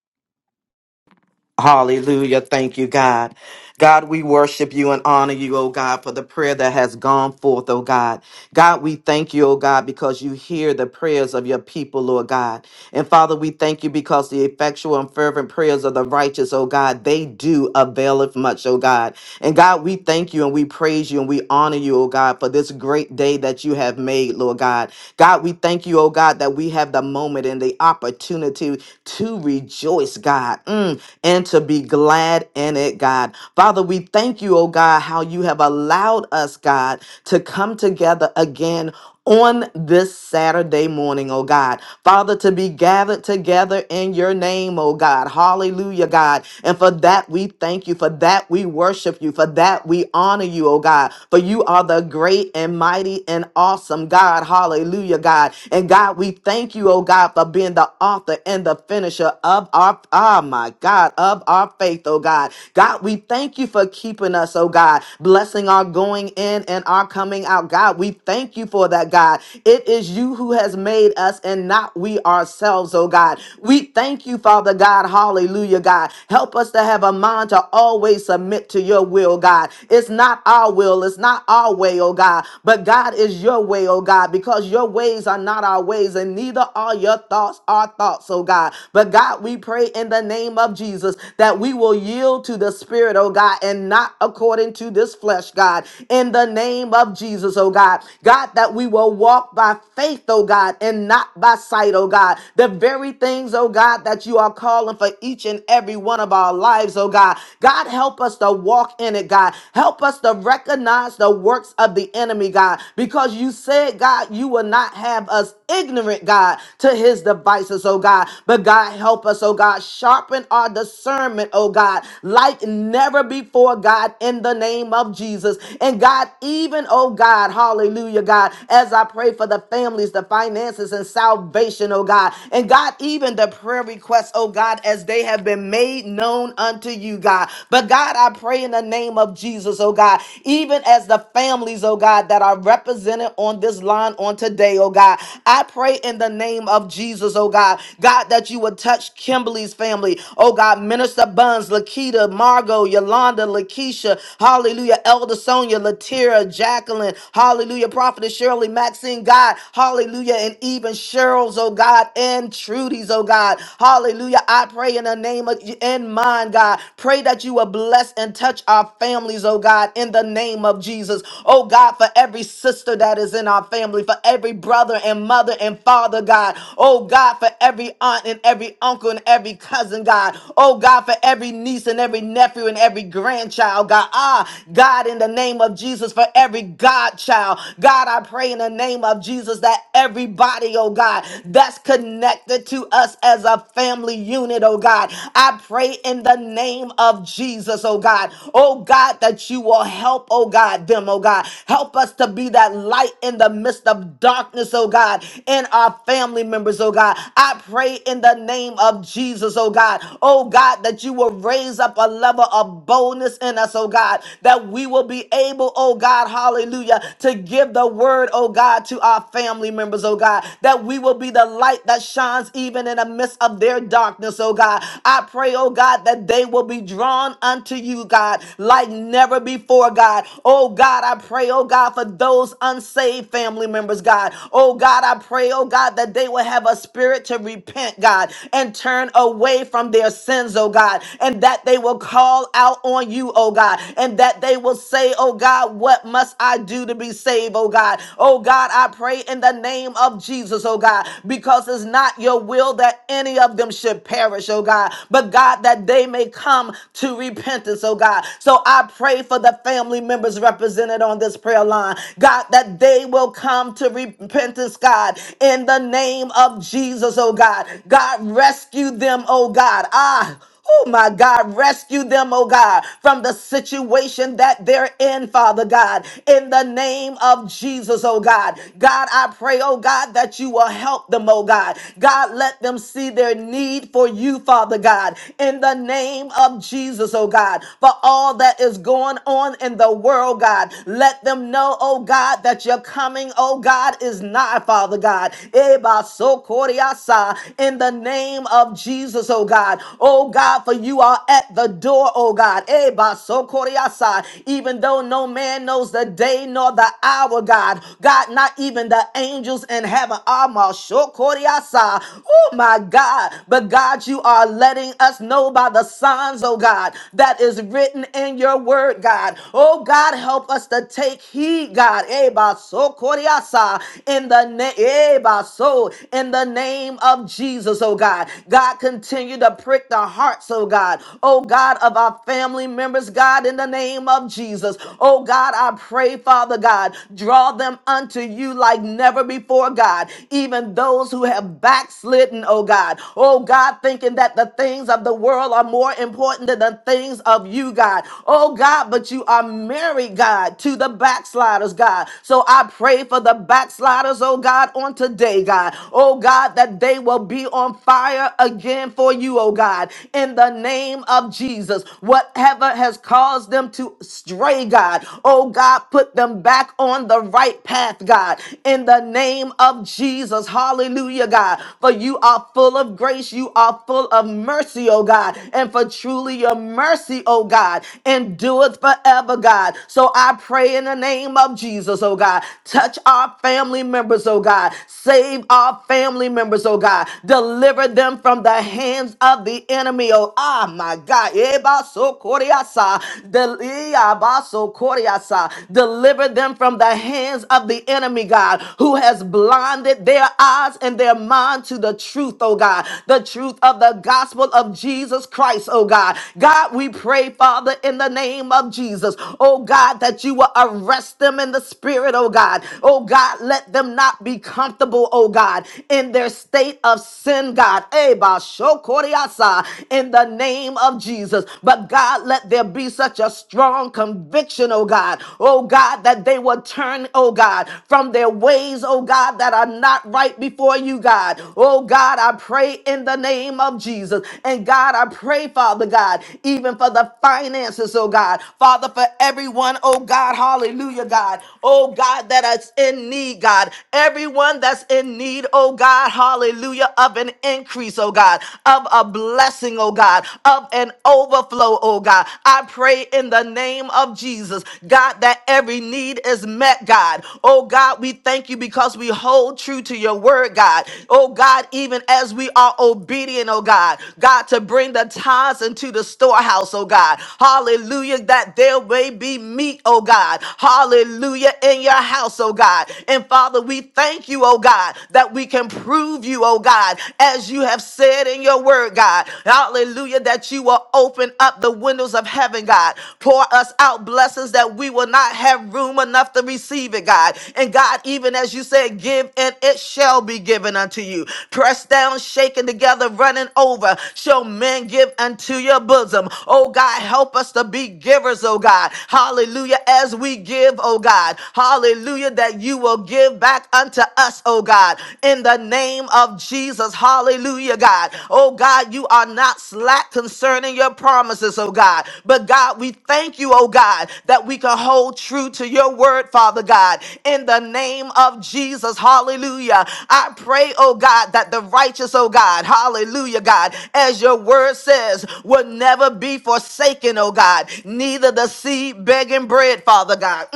Speaker 1: Hallelujah. Thank you, God. God, we worship you and honor you, oh God, for the prayer that has gone forth, oh God. God, we thank you, oh God, because you hear the prayers of your people, Lord God. And Father, we thank you because the effectual and fervent prayers of the righteous, oh God, they do availeth much, oh God. And God, we thank you and we praise you and we honor you, oh God, for this great day that you have made, Lord God. God, we thank you, oh God, that we have the moment and the opportunity to rejoice, God. Mm and to be glad in it, God. Father, we thank you, oh God, how you have allowed us, God, to come together again on this Saturday morning, oh God. Father, to be gathered together in your name, oh God. Hallelujah, God. And for that we thank you. For that we worship you. For that we honor you, oh God. For you are the great and mighty and awesome God. Hallelujah, God. And God, we thank you, oh God, for being the author and the finisher of our, oh my God, of our faith, oh God. God, we thank you for keeping us, oh God, blessing our going in and our coming out. God, we thank you for that, God. It is you who has has made us and not we ourselves, oh God. We thank you, Father God. Hallelujah, God. Help us to have a mind to always submit to your will, God. It's not our will, it's not our way, oh God, but God is your way, oh God, because your ways are not our ways, and neither are your thoughts our thoughts, oh God. But God, we pray in the name of Jesus that we will yield to the Spirit, oh God, and not according to this flesh, God. In the name of Jesus, oh God. God, that we will walk walk by faith, oh God, and not by sight, oh God. The very things, oh God, that you are calling for each and every one of our lives, oh God. God, help us to walk in it, God. Help us to recognize the works of the enemy, God, because you said, God, you will not have us ignorant, God, to his devices, oh God. But God, help us, oh God. Sharpen our discernment, oh God, like never before, God, in the name of Jesus. And God, even, oh God, hallelujah, God, as I pray for the families, the finances, and salvation, oh God. And God, even the prayer requests, oh God, as they have been made known unto you, God. But God, I pray in the name of Jesus, oh God, even as the families, oh God, that are represented on this line on today, oh God. God. I pray in the name of Jesus, oh God. God, that you would touch Kimberly's family. Oh God, Minister Buns, Lakita, Margot, Yolanda, Lakeisha, hallelujah, Elder Sonia, Latira, Jacqueline, hallelujah, Prophetess Shirley, Maxine, God, hallelujah, and even Cheryl's, oh God, and Trudy's, oh God, hallelujah. I pray in the name of in mine, God. Pray that you will bless and touch our families, oh God, in the name of Jesus. Oh God, for every sister that is in our family, for every brother father and mother and father, God. Oh God, for every aunt and every uncle and every cousin, God. Oh God, for every niece and every nephew and every grandchild, God. Ah, God, in the name of Jesus, for every godchild. God, I pray in the name of Jesus that everybody, oh God, that's connected to us as a family unit, oh God. I pray in the name of Jesus, oh God. Oh God, that you will help, oh God, them, oh God. Help us to be that light in the midst of darkness darkness, oh God, in our family members, oh God. I pray in the name of Jesus, oh God, oh God, that you will raise up a level of boldness in us, oh God, that we will be able, oh God, hallelujah, to give the word, oh God, to our family members, oh God, that we will be the light that shines even in the midst of their darkness, oh God. I pray, oh God, that they will be drawn unto you, God, like never before, God. Oh God, I pray, oh God, for those unsaved family members, God. God. Oh God, I pray, oh God, that they will have a spirit to repent, God, and turn away from their sins, oh God, and that they will call out on you, oh God, and that they will say, oh God, what must I do to be saved, oh God? Oh God, I pray in the name of Jesus, oh God, because it's not your will that any of them should perish, oh God, but God, that they may come to repentance, oh God. So I pray for the family members represented on this prayer line, God, that they will come to repentance, God, in the name of Jesus, oh God. God, rescue them, oh God. Ah, Oh my God, rescue them, oh God, from the situation that they're in, Father God, in the name of Jesus, oh God. God, I pray, oh God, that you will help them, oh God. God, let them see their need for you, Father God, in the name of Jesus, oh God, for all that is going on in the world, God. Let them know, oh God, that you're coming, oh oh God, is nigh, Father God. Eba so koriasa, In the name of Jesus, oh God. Oh God, for you are at the door, oh God. Eba so koriasa, Even though no man knows the day nor the hour, God. God, not even the angels in heaven are ma so koriasa. Oh my God. But God, you are letting us know by the signs, oh God, that is written in your word, God. Oh God, help us to take heed, God. Eba so Koriasa, in the name so in the name of Jesus, oh God. God continue to prick the hearts, oh God. Oh God of our family members, God, in the name of Jesus. Oh God, I pray, Father God, draw them unto you like never before, God. Even those who have backslidden, oh God. Oh God, thinking that the things of the world are more important than the things of you, God. Oh God, but you are married, God, to the backsliders, God. So I pray for the backsliders, oh God, on today, God. Oh God, that they will be on fire again for you, oh God. In the name of Jesus, whatever has caused them to stray, God, oh God, put them back on the right path, God. In the name of Jesus, hallelujah, God. For you are full of grace, you are full of mercy, oh God. And for truly your mercy, oh God, endureth forever, God. So I pray in the name of Jesus, oh God. God. Touch our family members, oh God. Save our family members, oh God. Deliver them from the hands of the enemy, oh ah, my God. Eba so koriasa. Del- Eba so koriasa. Deliver them from the hands of the enemy, God, who has blinded their eyes and their mind to the truth, oh God. The truth of the gospel of Jesus Christ, oh God. God, we pray, Father, in the name of Jesus, oh God, that you will arrest them in the spirit Spirit, oh God. Oh God, let them not be comfortable, oh God, in their state of sin, God. Eba shokoriasa, In the name of Jesus. But God, let there be such a strong conviction, oh God. Oh God, that they will turn, oh God, from their ways, oh God, that are not right before you, God. Oh God, I pray in the name of Jesus. And God, I pray, Father God, even for the finances, oh God. Father, for everyone, oh God, hallelujah, God oh God, that is in need, God. Everyone that's in need, oh God, hallelujah, of an increase, oh God, of a blessing, oh God, of an overflow, oh God. I pray in the name of Jesus, God, that every need is met, God. Oh God, we thank you because we hold true to your word, God. Oh God, even as we are obedient, oh God, God, to bring the tithes into the storehouse, oh God. Hallelujah, that there may be meat, oh God. Hallelujah hallelujah, in your house, oh God. And Father, we thank you, oh God, that we can prove you, oh God, as you have said in your word, God, hallelujah, that you will open up the windows of heaven, God. Pour us out blessings that we will not have room enough to receive it, God. And God, even as you said, give and it shall be given unto you. Pressed down, shaken together, running over, shall men give unto your bosom. Oh God, help us to be givers, oh God. Hallelujah. As we give, oh oh God. Hallelujah, that you will give back unto us, oh God, in the name of Jesus. Hallelujah, God. Oh God, you are not slack concerning your promises, oh God. But God, we thank you, oh God, that we can hold true to your word, Father God, in the name of Jesus. Hallelujah. I pray, oh God, that the righteous, oh God, hallelujah, God, as your word says, will never be forsaken, oh God, neither the seed begging bread, Father God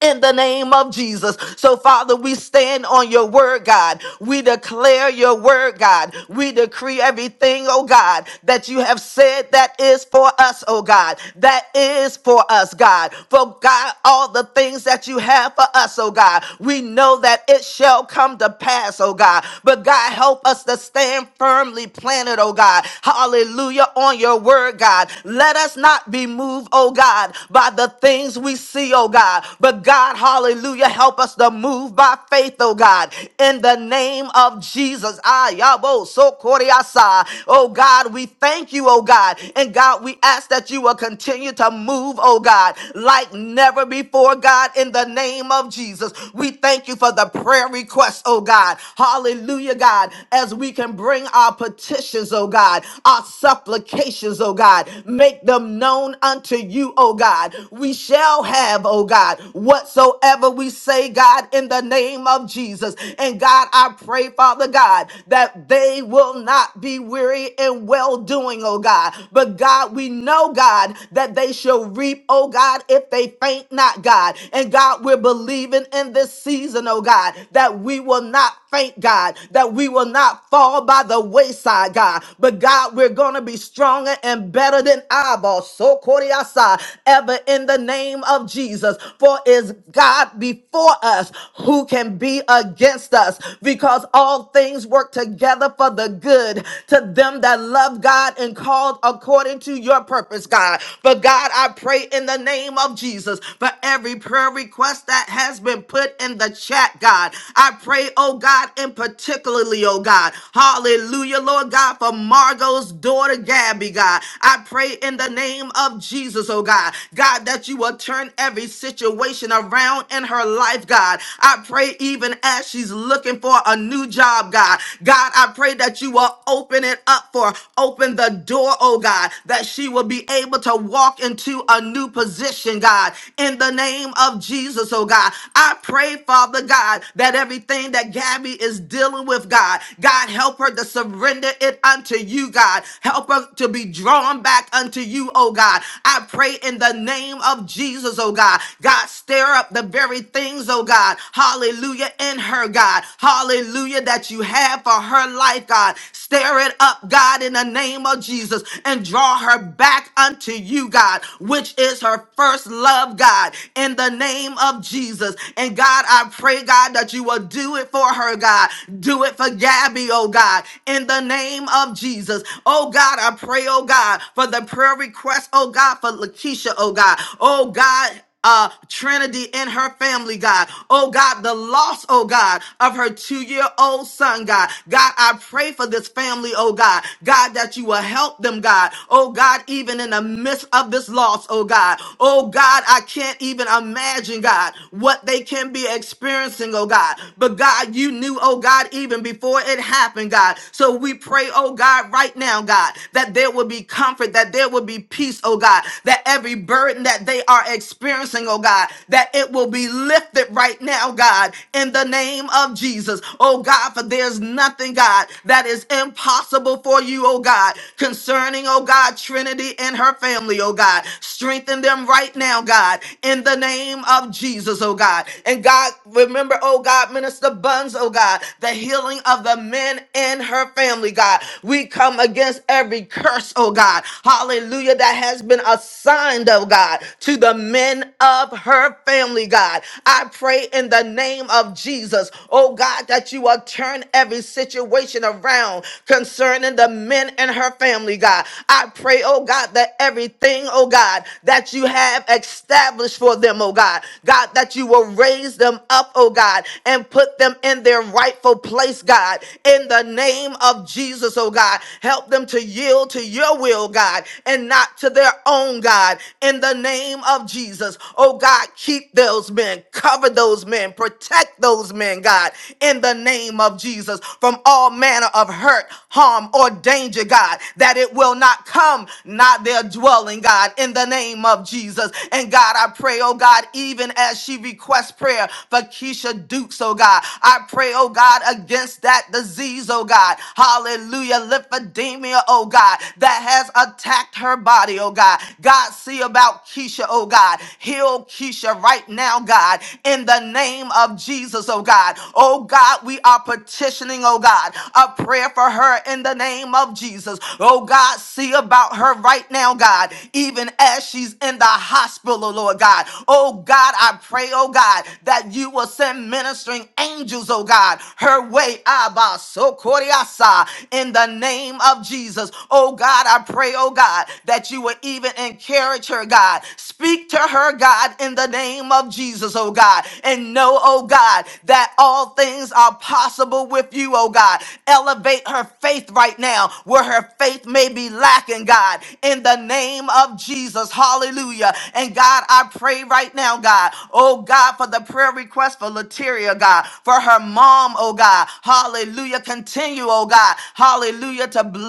Speaker 1: in the name of Jesus. So, Father, we stand on your word, God. We declare your word, God. We decree everything, oh God, that you have said that is for us, oh God. That is for us, God. For God, all the things that you have for us, oh God, we know that it shall come to pass, oh God. But God, help us to stand firmly planted, oh God. Hallelujah, on your word, God. Let us not be moved, oh God, by the things we see, oh God. God. But God, hallelujah, help us to move by faith, oh God, in the name of Jesus. Ah, yabo, so koriasa. Oh God, we thank you, oh God. And God, we ask that you will continue to move, oh God, like never before, God, in the name of Jesus. We thank you for the prayer requests, oh God. Hallelujah, God, as we can bring our petitions, oh God, our supplications, oh God, make them known unto you, oh God. We shall have have, oh God, whatsoever we say, God, in the name of Jesus. And God, I pray, Father God, that they will not be weary in well doing, oh God. But God, we know, God, that they shall reap, oh God, if they faint not, God. And God, we're believing in this season, oh God, that we will not faint, God, that we will not fall by the wayside, God. But God, we're going to be stronger and better than Abel, so Koriasa, ever in the name name of Jesus. For is God before us who can be against us? Because all things work together for the good to them that love God and called according to your purpose, God. But God, I pray in the name of Jesus for every prayer request that has been put in the chat, God. I pray, oh God, in particularly, oh God. Hallelujah, Lord God, for Margot's daughter, Gabby, God. I pray in the name of Jesus, oh God. God, God, that you will turn every situation around in her life, God. I pray even as she's looking for a new job, God. God, I pray that you will open it up for her. Open the door, oh God, that she will be able to walk into a new position, God. In the name of Jesus, oh God. I pray, Father God, that everything that Gabby is dealing with, God, God, help her to surrender it unto you, God. Help her to be drawn back unto you, oh God. I pray in the name of Jesus, oh God. God, stir up the very things, oh God. Hallelujah, in her, God. Hallelujah, that you have for her life, God. Stir it up, God, in the name of Jesus, and draw her back unto you, God, which is her first love, God, in the name of Jesus. And God, I pray, God, that you will do it for her, God. Do it for Gabby, oh God, in the name of Jesus. Oh God, I pray, oh God, for the prayer request, oh God, God, for Lakeisha, oh God. Oh God, uh, Trinity and her family, God. Oh God, the loss, oh God, of her two year old son, God. God, I pray for this family, oh God. God, that you will help them, God. Oh God, even in the midst of this loss, oh God. Oh God, I can't even imagine, God, what they can be experiencing, oh God. But God, you knew, oh God, even before it happened, God. So we pray, oh God, right now, God, that there will be comfort, that there will be peace peace, oh God, that every burden that they are experiencing, oh God, that it will be lifted right now, God, in the name of Jesus. Oh God, for there's nothing, God, that is impossible for you, oh God, concerning, oh God, Trinity and her family, oh God. Strengthen them right now, God, in the name of Jesus, oh God. And God, remember, oh God, Minister Buns, oh God, the healing of the men in her family, God. We come against every curse, oh God. Hallelujah hallelujah, that has been assigned, oh God, to the men of her family, God. I pray in the name of Jesus, oh God, that you will turn every situation around concerning the men in her family, God. I pray, oh God, that everything, oh God, that you have established for them, oh God, God, that you will raise them up, oh God, and put them in their rightful place, God, in the name of Jesus, oh God. Help them to yield to your will, God. God, and not to their own God. In the name of Jesus, oh God, keep those men, cover those men, protect those men, God, in the name of Jesus, from all manner of hurt, harm, or danger, God, that it will not come, not their dwelling, God, in the name of Jesus. And God, I pray, oh God, even as she requests prayer for Keisha Dukes, oh God, I pray, oh God, against that disease, oh God, hallelujah, lymphedema, oh God, that that has attacked her body, oh God. God, see about Keisha, oh God. Heal Keisha right now, God, in the name of Jesus, oh God. Oh God, we are petitioning, oh God, a prayer for her in the name of Jesus. Oh God, see about her right now, God, even as she's in the hospital, Lord God. Oh God, I pray, oh God, that you will send ministering angels, oh God, her way, Abba, so Koriasa, in the name of Jesus. Oh God, I pray, oh God, that you would even encourage her, God. Speak to her, God, in the name of Jesus, oh God. And know, oh God, that all things are possible with you, oh God. Elevate her faith right now where her faith may be lacking, God, in the name of Jesus. Hallelujah. And God, I pray right now, God, oh God, for the prayer request for Lateria, God, for her mom, oh God. Hallelujah. Continue, oh God. Hallelujah. To bless.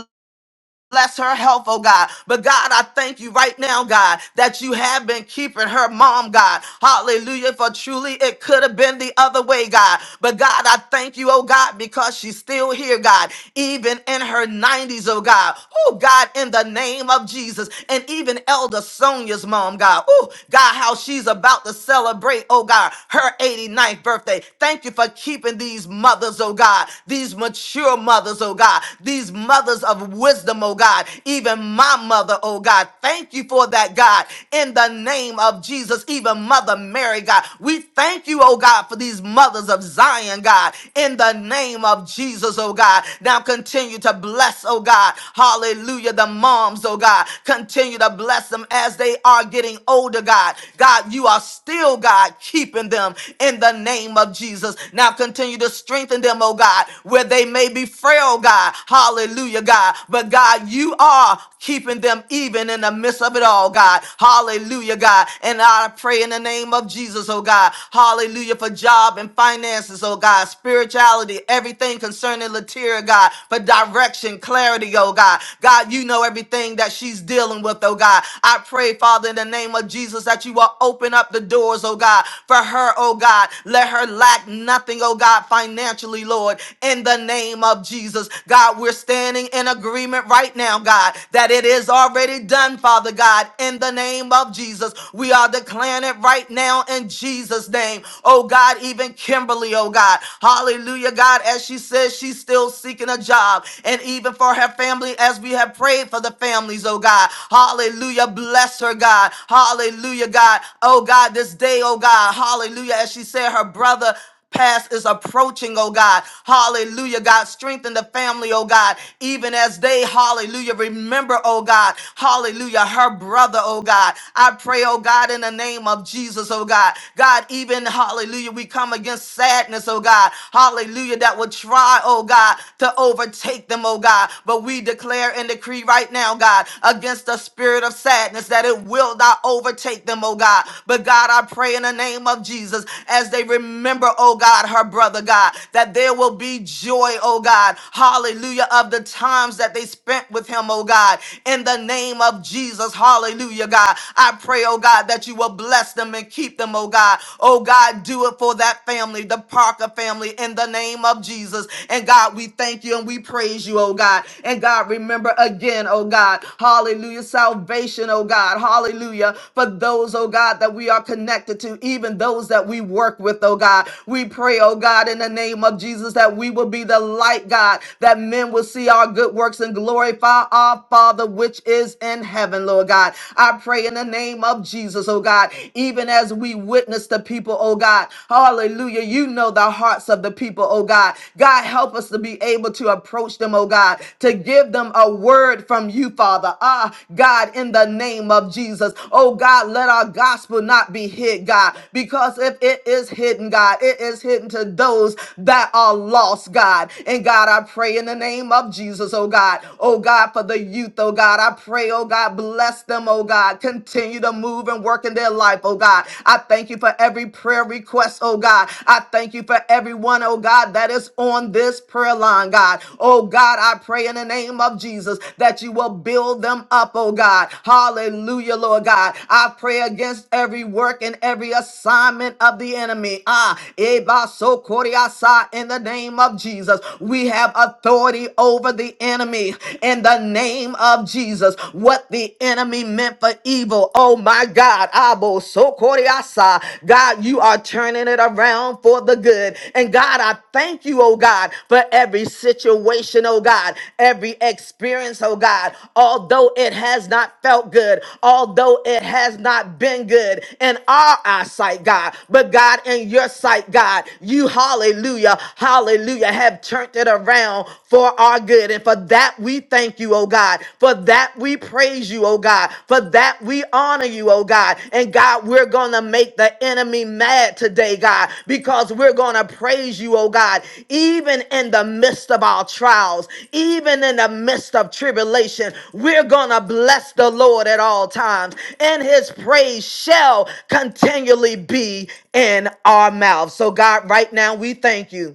Speaker 1: Bless her health, oh God. But God, I thank you right now, God, that you have been keeping her mom, God. Hallelujah. For truly it could have been the other way, God. But God, I thank you, oh God, because she's still here, God, even in her 90s, oh God. Oh God, in the name of Jesus. And even Elder Sonia's mom, God. Oh God, how she's about to celebrate, oh God, her eighty-ninth birthday. Thank you for keeping these mothers, oh God, these mature mothers, oh God, these mothers of wisdom wisdom, oh God, even my mother, oh God. Thank you for that, God, in the name of Jesus, even Mother Mary, God. We thank you, oh God, for these mothers of Zion, God, in the name of Jesus, oh God. Now continue to bless, oh God, hallelujah, the moms, oh God. Continue to bless them as they are getting older, God. God, you are still, God, keeping them in the name of Jesus. Now continue to strengthen them, oh God, where they may be frail, God. Hallelujah, God. God. But God, you are keeping them even in the midst of it all, God. Hallelujah, God. And I pray in the name of Jesus, oh God. Hallelujah for job and finances, oh God. Spirituality, everything concerning Latira, God. For direction, clarity, oh God. God, you know everything that she's dealing with, oh God. I pray, Father, in the name of Jesus, that you will open up the doors, oh God, for her, oh God. Let her lack nothing, oh God, financially, Lord, in the name of Jesus. God, we're standing standing in agreement right now, God, that it is already done, Father God, in the name of Jesus. We are declaring it right now in Jesus' name. Oh God, even Kimberly, oh God, hallelujah, God, as she says she's still seeking a job, and even for her family, as we have prayed for the families, oh God, hallelujah, bless her, God, hallelujah, God, oh God, this day, oh God, hallelujah, as she said, her brother past is approaching, oh God. Hallelujah, God. Strengthen the family, oh God, even as they, hallelujah, remember, oh God, hallelujah, her brother, oh God. I pray, oh God, in the name of Jesus, oh God. God, even, hallelujah, we come against sadness, oh God. Hallelujah, that would try, oh God, to overtake them, oh God. But we declare and decree right now, God, against the spirit of sadness that it will not overtake them, oh God. But God, I pray in the name of Jesus as they remember, oh God, her brother, God, that there will be joy, oh God. Hallelujah. Of the times that they spent with him, oh God. In the name of Jesus, hallelujah, God. I pray, oh God, that you will bless them and keep them, oh God. Oh God, do it for that family, the Parker family, in the name of Jesus. And God, we thank you and we praise you, oh God. And God, remember again, oh God oh God. Hallelujah. Salvation, oh God. Hallelujah. For those, oh God, that we are connected to, even those that we work with, oh God. We pray, oh God, in the name of Jesus, that we will be the light, God, that men will see our good works and glorify our Father which is in heaven, Lord God. I pray in the name of Jesus, oh God, even as we witness the people, oh God. Hallelujah. You know the hearts of the people, oh God. God, help us help us to be able to approach them, oh God, to give them a word from you, Father. Ah, God, in the name of Jesus. Oh God, let our gospel not be hid, God, because if it is hidden, God, it is hidden to those that are lost, God. And God, I pray in the name of Jesus, oh God. Oh God, for the youth, oh God, I pray, oh God, bless them, oh God. Continue to move and work in their life, oh God. I thank you for every prayer request requests, oh God. I thank you for everyone, oh God, that is on this prayer line, God. Oh God, I pray in the name of Jesus that you will build them up, oh God. Hallelujah, Lord God. I pray against every work and every assignment of the enemy. Ah, Eba Sokoriasa, in the name of Jesus. We have authority over the enemy in the name of Jesus. What the enemy meant for evil evil. Oh my God. Abo sokoriasa. God, you are turning it around for the good. And God, I thank you, oh God, for every situation, oh God, every experience, oh God. Although it has not felt good, although it has not been good in our eyesight, God, but God, in your sight, God, you, hallelujah, hallelujah, have turned it around for our good. And for that, we we thank you, oh God. For that we praise you, oh God. For that we honor you, oh God. And God, we're going to make the enemy mad today, God, because we're going to praise you, oh God, even in the midst of our trials, even in the midst of tribulation. We're going to bless the Lord at all times, and his praise shall continually be in our mouths. So, God, right now, we thank you.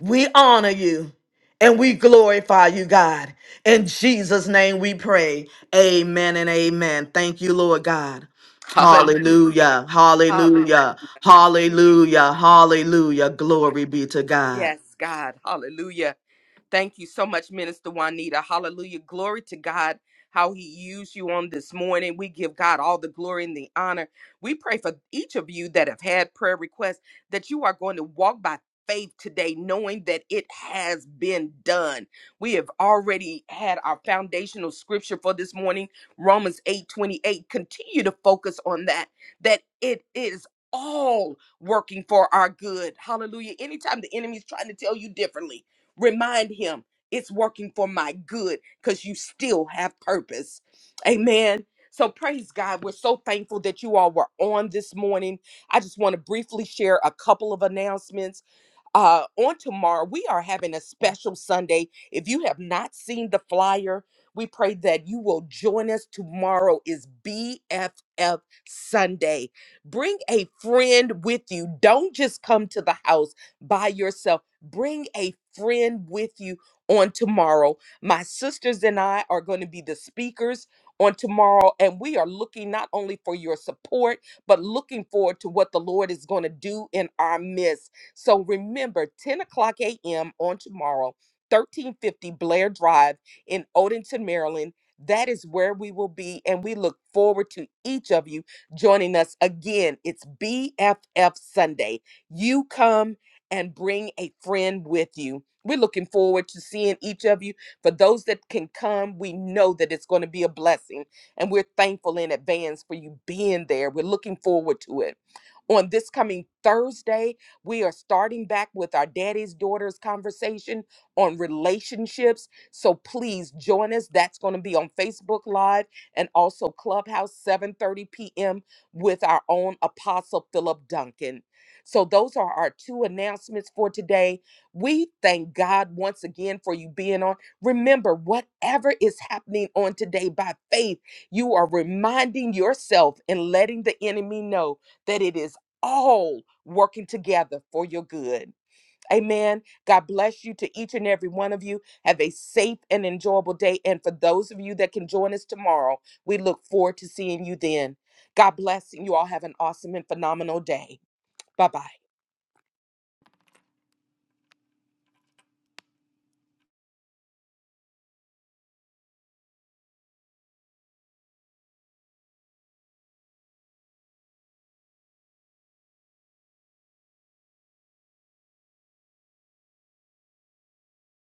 Speaker 1: We honor you and we glorify you, God. In Jesus' name we pray. Amen and amen. Thank you, Lord God.
Speaker 2: Hallelujah.
Speaker 1: Hallelujah.
Speaker 2: Hallelujah.
Speaker 1: Hallelujah. Hallelujah. Hallelujah. Glory be to God.
Speaker 2: Yes, God. Hallelujah. Thank you so much, Minister Juanita. Hallelujah. Glory to God, how He used you on this morning. We give God all the glory and the honor. We pray for each of you that have had prayer requests that you are going to walk by faith today, knowing that it has been done. We have already had our foundational scripture for this morning, Romans 8 28. Continue to focus on that, that it is all working for our good. Hallelujah. Anytime the enemy is trying to tell you differently, Remind him it's working for my good because you still have purpose. Amen. So praise God. We're so thankful that you all were on this morning. I just want to briefly share a couple of announcements. Uh, on tomorrow, we are having a special Sunday. If you have not seen the flyer, we pray that you will join us. Tomorrow is BFF Sunday. Bring a friend with you. Don't just come to the house by yourself. Bring a friend with you on tomorrow. My sisters and I are going to be the speakers on tomorrow, and we are looking not only for your support, but looking forward to what the Lord is going to do in our midst. So remember, 10 o'clock a.m. on tomorrow, 1350 Blair Drive in Odenton, Maryland. That is where we will be, and we look forward to each of you joining us again. It's BFF Sunday. You come and bring a friend with you. We're looking forward to seeing each of you. For those that can come, we know that it's going to be a blessing, and we're thankful in advance for you being there. We're looking forward to it. On this coming Thursday, we are starting back with our daddy's daughter's conversation on relationships. So please join us. That's going to be on Facebook Live and also Clubhouse 7:30 p.m. with our own apostle Philip Duncan. So those are our two announcements for today. We thank God once again for you being on. Remember, whatever is happening on today by faith, you are reminding yourself and letting the enemy know that it is all working together for your good. Amen. God bless you to each and every one of you. Have a safe and enjoyable day. And for those of you that can join us tomorrow, we look forward to seeing you then. God bless, and you all have an awesome and phenomenal day. Bye bye.